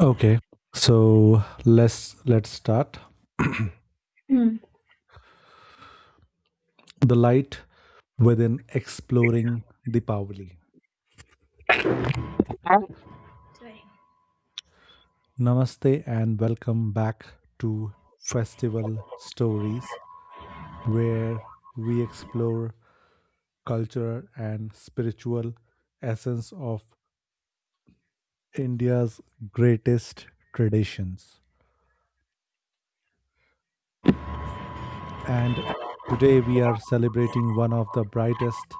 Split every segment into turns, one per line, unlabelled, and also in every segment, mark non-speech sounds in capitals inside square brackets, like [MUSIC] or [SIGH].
Okay, so let's start.
Hmm,
The light within exploring Deepavali.
sorry.
Namaste and welcome back to Festival Stories, where we explore cultural and spiritual essence of India's greatest traditions. And today we are celebrating one of the brightest,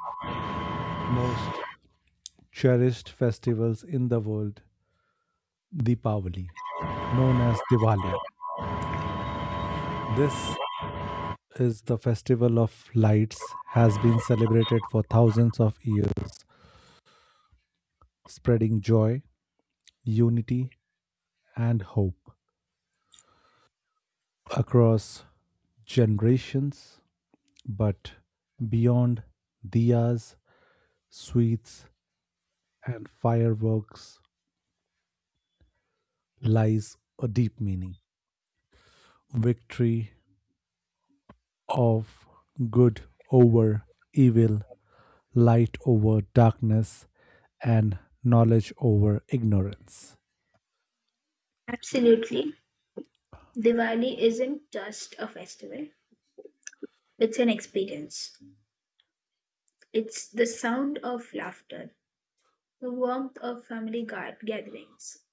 most cherished festivals in the world, Deepavali, known as Diwali. This is the festival of lights has been celebrated for thousands of years, spreading joy, unity and hope across generations, but beyond diyas, sweets and fireworks lies a deep meaning. Victory of good over evil, light over darkness, and knowledge over ignorance.
Absolutely. Diwali isn't just a festival, it's an experience. It's the sound of laughter, the warmth of family gatherings,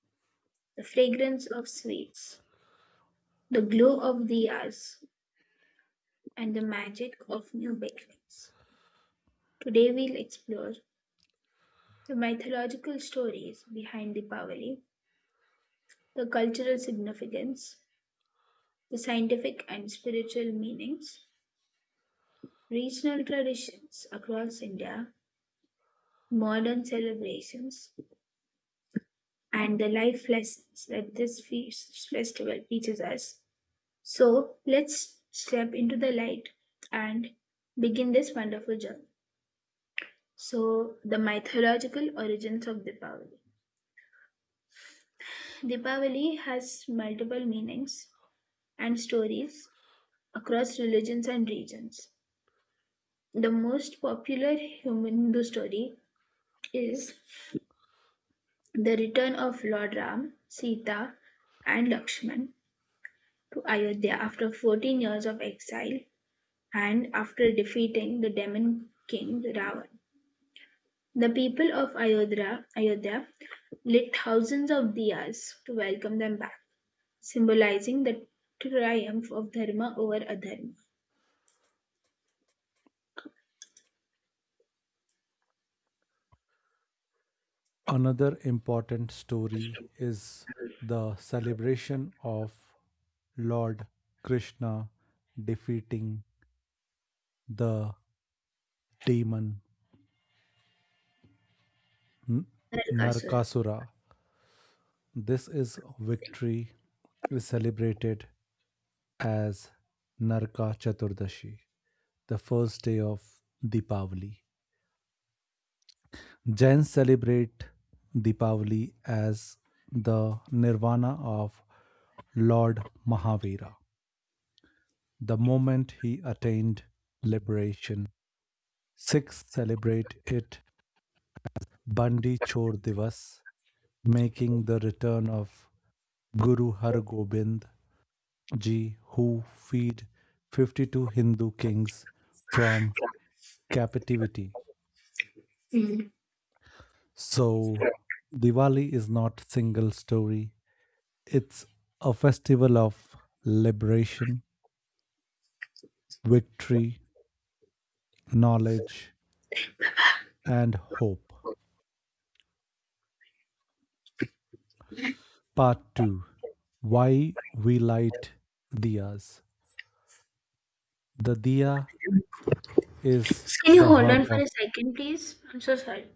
the fragrance of sweets, the glow of diyas, and the magic of new beginnings. Today we'll explore the mythological stories behind Deepavali, the cultural significance, the scientific and spiritual meanings, regional traditions across India, modern celebrations and the life lessons that this feast festival teaches us. So let's step into the light and begin this wonderful journey. So the mythological origins of Deepavali. Deepavali has multiple meanings and stories across religions and regions. The most popular Hindu story is the return of Lord Ram, Sita, and Lakshman to Ayodhya after 14 years of exile and after defeating the demon king Ravan. The people of Ayodhya lit thousands of diyas to welcome them back, symbolizing the triumph of dharma over adharma.
Another important story is the celebration of Lord Krishna defeating the demon
Narakasur.
Narkasura. This is victory is celebrated as Naraka Chaturdashi, the first day of Deepavali. Jains celebrate Deepavali as the nirvana of Lord Mahavira, the moment he attained liberation. Sikhs celebrate it Bandi Chor Divas, making the return of Guru Har Gobind ji, who freed 52 Hindu kings from captivity.
Hmm.
So, Diwali is not single story. It's a festival of liberation, victory, knowledge, and hope. Part 2, why we light diyas. The diya is
Can you
the
hold
heart
on for
of
a second, please? I'm so sorry.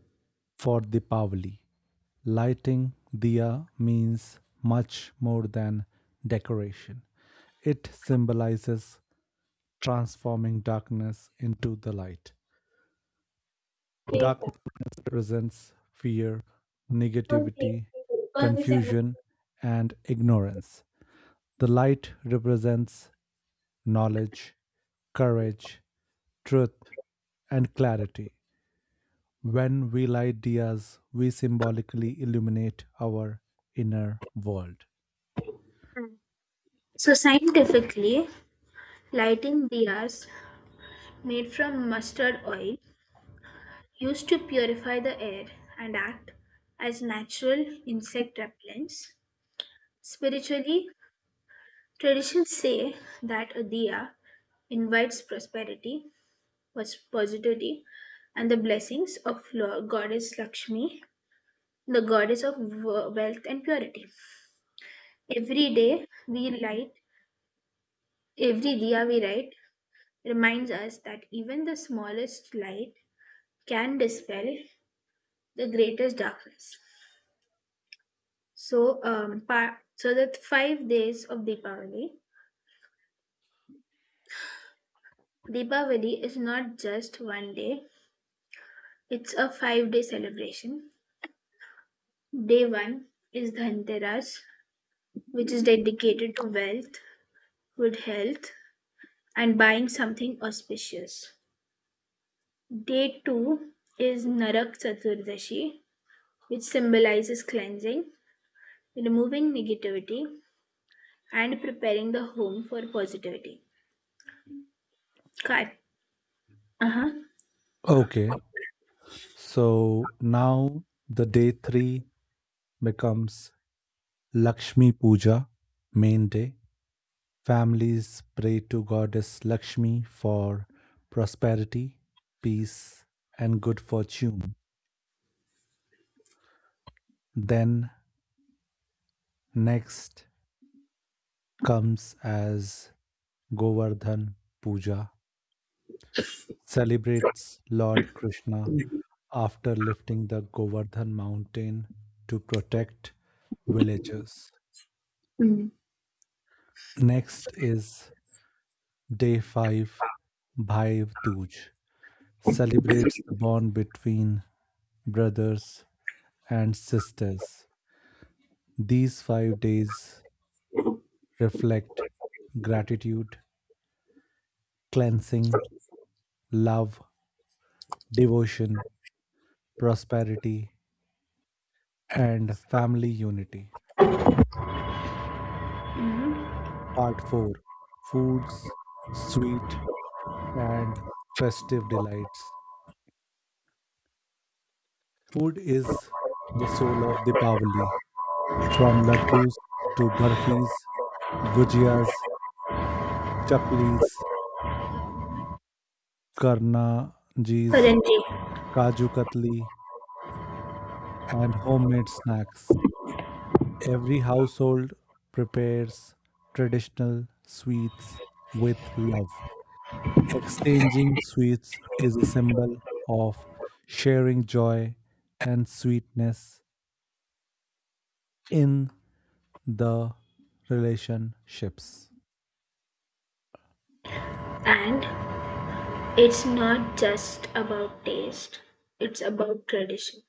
for Deepavali. Lighting diya means much more than decoration. It symbolizes transforming darkness into the light. Darkness represents fear, negativity,
First December.
confusion, and ignorance. The light represents knowledge, courage, truth, and clarity. When we light diyas, we symbolically illuminate our inner world.
So, scientifically, lighting diyas made from mustard oil used to purify the air and act as natural insect repellents. Spiritually, traditions say that a diya invites prosperity, pos- positivity, and the blessings of Lord Goddess Lakshmi, the goddess of wo- wealth and purity. Every day we light, every diya we light reminds us that even the smallest light can dispel the greatest darkness. So, pa- so the 5 days of Deepavali. Deepavali is not just one day; it's a 5-day celebration. Day one is Dhanteras, which is dedicated to wealth, good health, and buying something auspicious. Day two is Narak Chaturdashi, which symbolizes cleansing, removing negativity, and preparing the home for positivity. Car. Uh huh.
Okay, so now the day three becomes Lakshmi Puja, main day. Families pray to Goddess Lakshmi for prosperity, peace, and good fortune. Then, next comes as Govardhan Puja, celebrates Lord Krishna after lifting the Govardhan mountain to protect villagers.
Mm.
Next is day 5, Bhai Dooj, celebrates the bond between brothers and sisters. These 5 days reflect gratitude, cleansing, love, devotion, prosperity, and family unity.
Hmm.
Part 4, foods, sweet, and festive delights. Food is the soul of Deepavali. From laddus to burfis, gujiyas, chaklis, karna jeez,
Paranji.
kaju katli, and homemade snacks. Every household prepares traditional sweets with love. Exchanging sweets is a symbol of sharing joy and sweetness in the relationships.
And it's not just about taste, it's about tradition.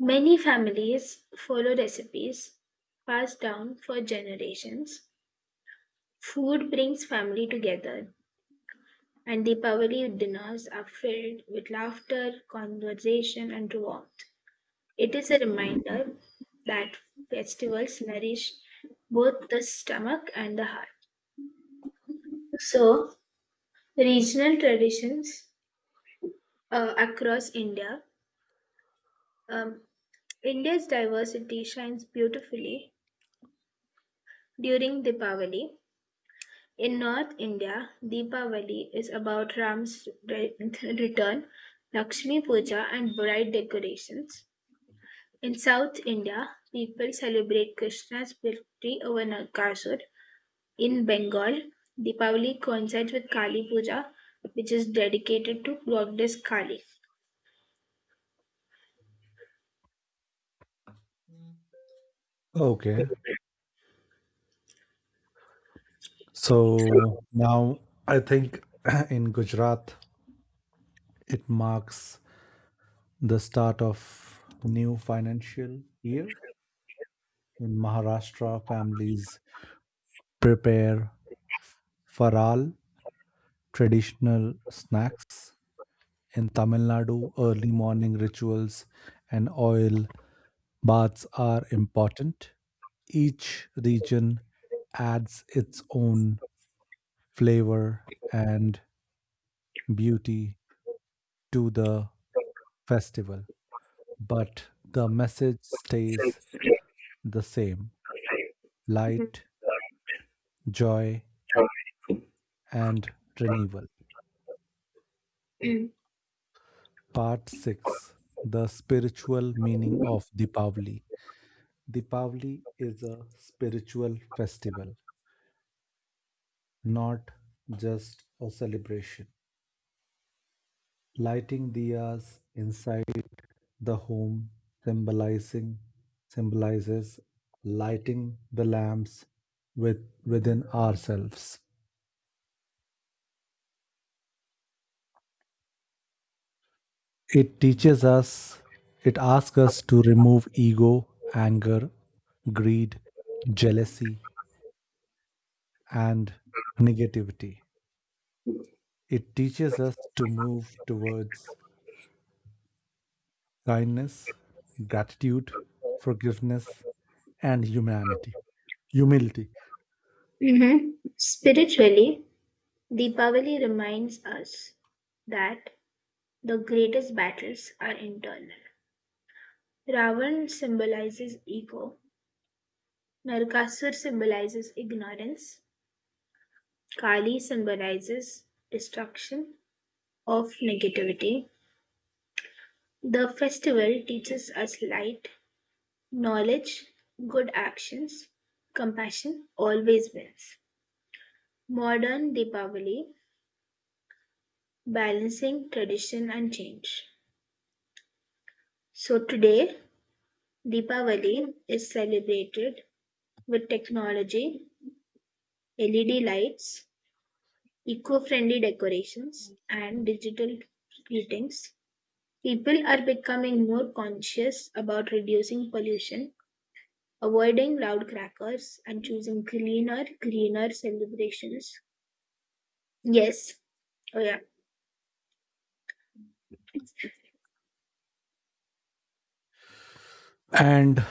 Many families follow recipes passed down for generations. Food brings family together, and the Deepavali dinners are filled with laughter, conversation, and warmth. It is a reminder that festivals nourish both the stomach and the heart. So, regional traditions across India um, India's diversity shines beautifully during Deepavali. In North India, Deepavali is about Ram's [LAUGHS] return, Lakshmi Puja, and bright decorations. In South India, people celebrate Krishna's victory over Nakasur. In Bengal, Deepavali coincides with Kali Puja, which is dedicated to goddess Kali.
Okay. So now I think [CLEARS THROAT] in Gujarat it marks the start of new financial year. In Maharashtra families prepare faral traditional snacks. In Tamil Nadu, early morning rituals and oil baths are important. Each region adds its own flavor and beauty to the festival, but the message stays the same light, joy, and renewal.
[CLEARS THROAT]
Part 6, the spiritual meaning of Deepavali. Deepavali is a spiritual festival, not just a celebration. Lighting diyas inside the home symbolizing symbolizes lighting the lamps with, within ourselves. It teaches us, it asks us to remove ego, anger, greed, jealousy, and negativity. It teaches us to move towards kindness, gratitude, forgiveness, and humility.
Mm-hmm. Spiritually, Deepavali reminds us that the greatest battles are internal. Ravan symbolizes ego, Narasur symbolizes ignorance, Kali symbolizes destruction of negativity. The festival teaches us light, knowledge, good actions, compassion always wins. Modern Deepavali balancing tradition and change. So today, Deepavali is celebrated with technology LED lights, eco-friendly decorations, and digital greetings, people are becoming more conscious about reducing pollution, avoiding loud crackers, and choosing cleaner, greener celebrations. Yes. Oh, yeah.
And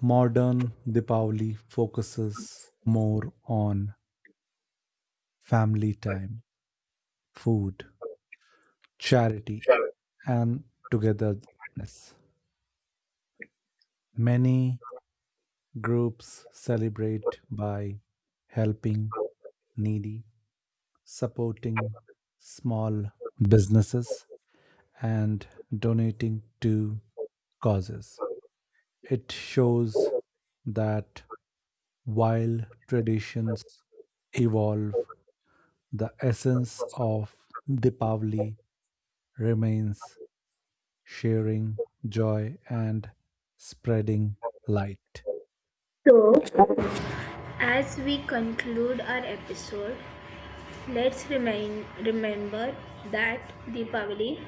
modern Deepavali focuses more on family time, food, charity, and togetherness. Many groups celebrate by helping needy, supporting small businesses, and donating to causes. It shows that while traditions evolve, the essence of Deepavali remains sharing joy and spreading light.
So, as we conclude our episode, remember that Deepavali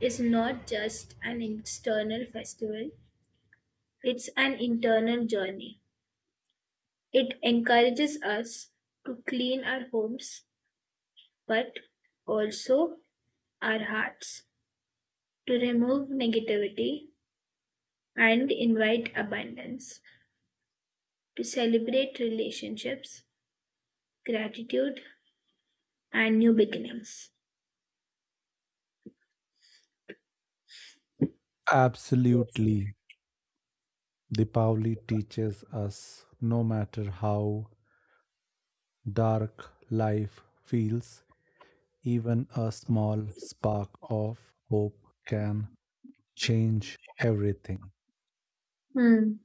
is not just an external festival, it's an internal journey. It encourages us to clean our homes, but also our hearts, to remove negativity and invite abundance, to celebrate relationships, gratitude, and new beginnings.
Absolutely, Deepavali teaches us no matter how dark life feels, even a small spark of hope can change everything.
Hmm.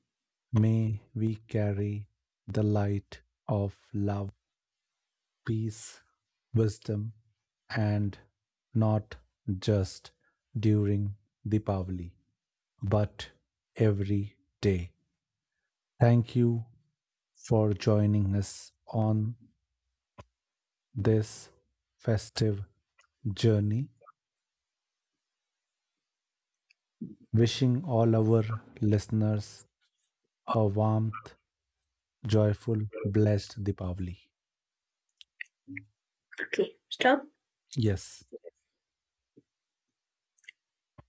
May we carry the light of love, peace, wisdom, and not just during Deepavali, but every day. Thank you for joining us on this festive journey. Wishing all our listeners a warmth, joyful, blessed Deepavali.
Okay, stop.
Yes.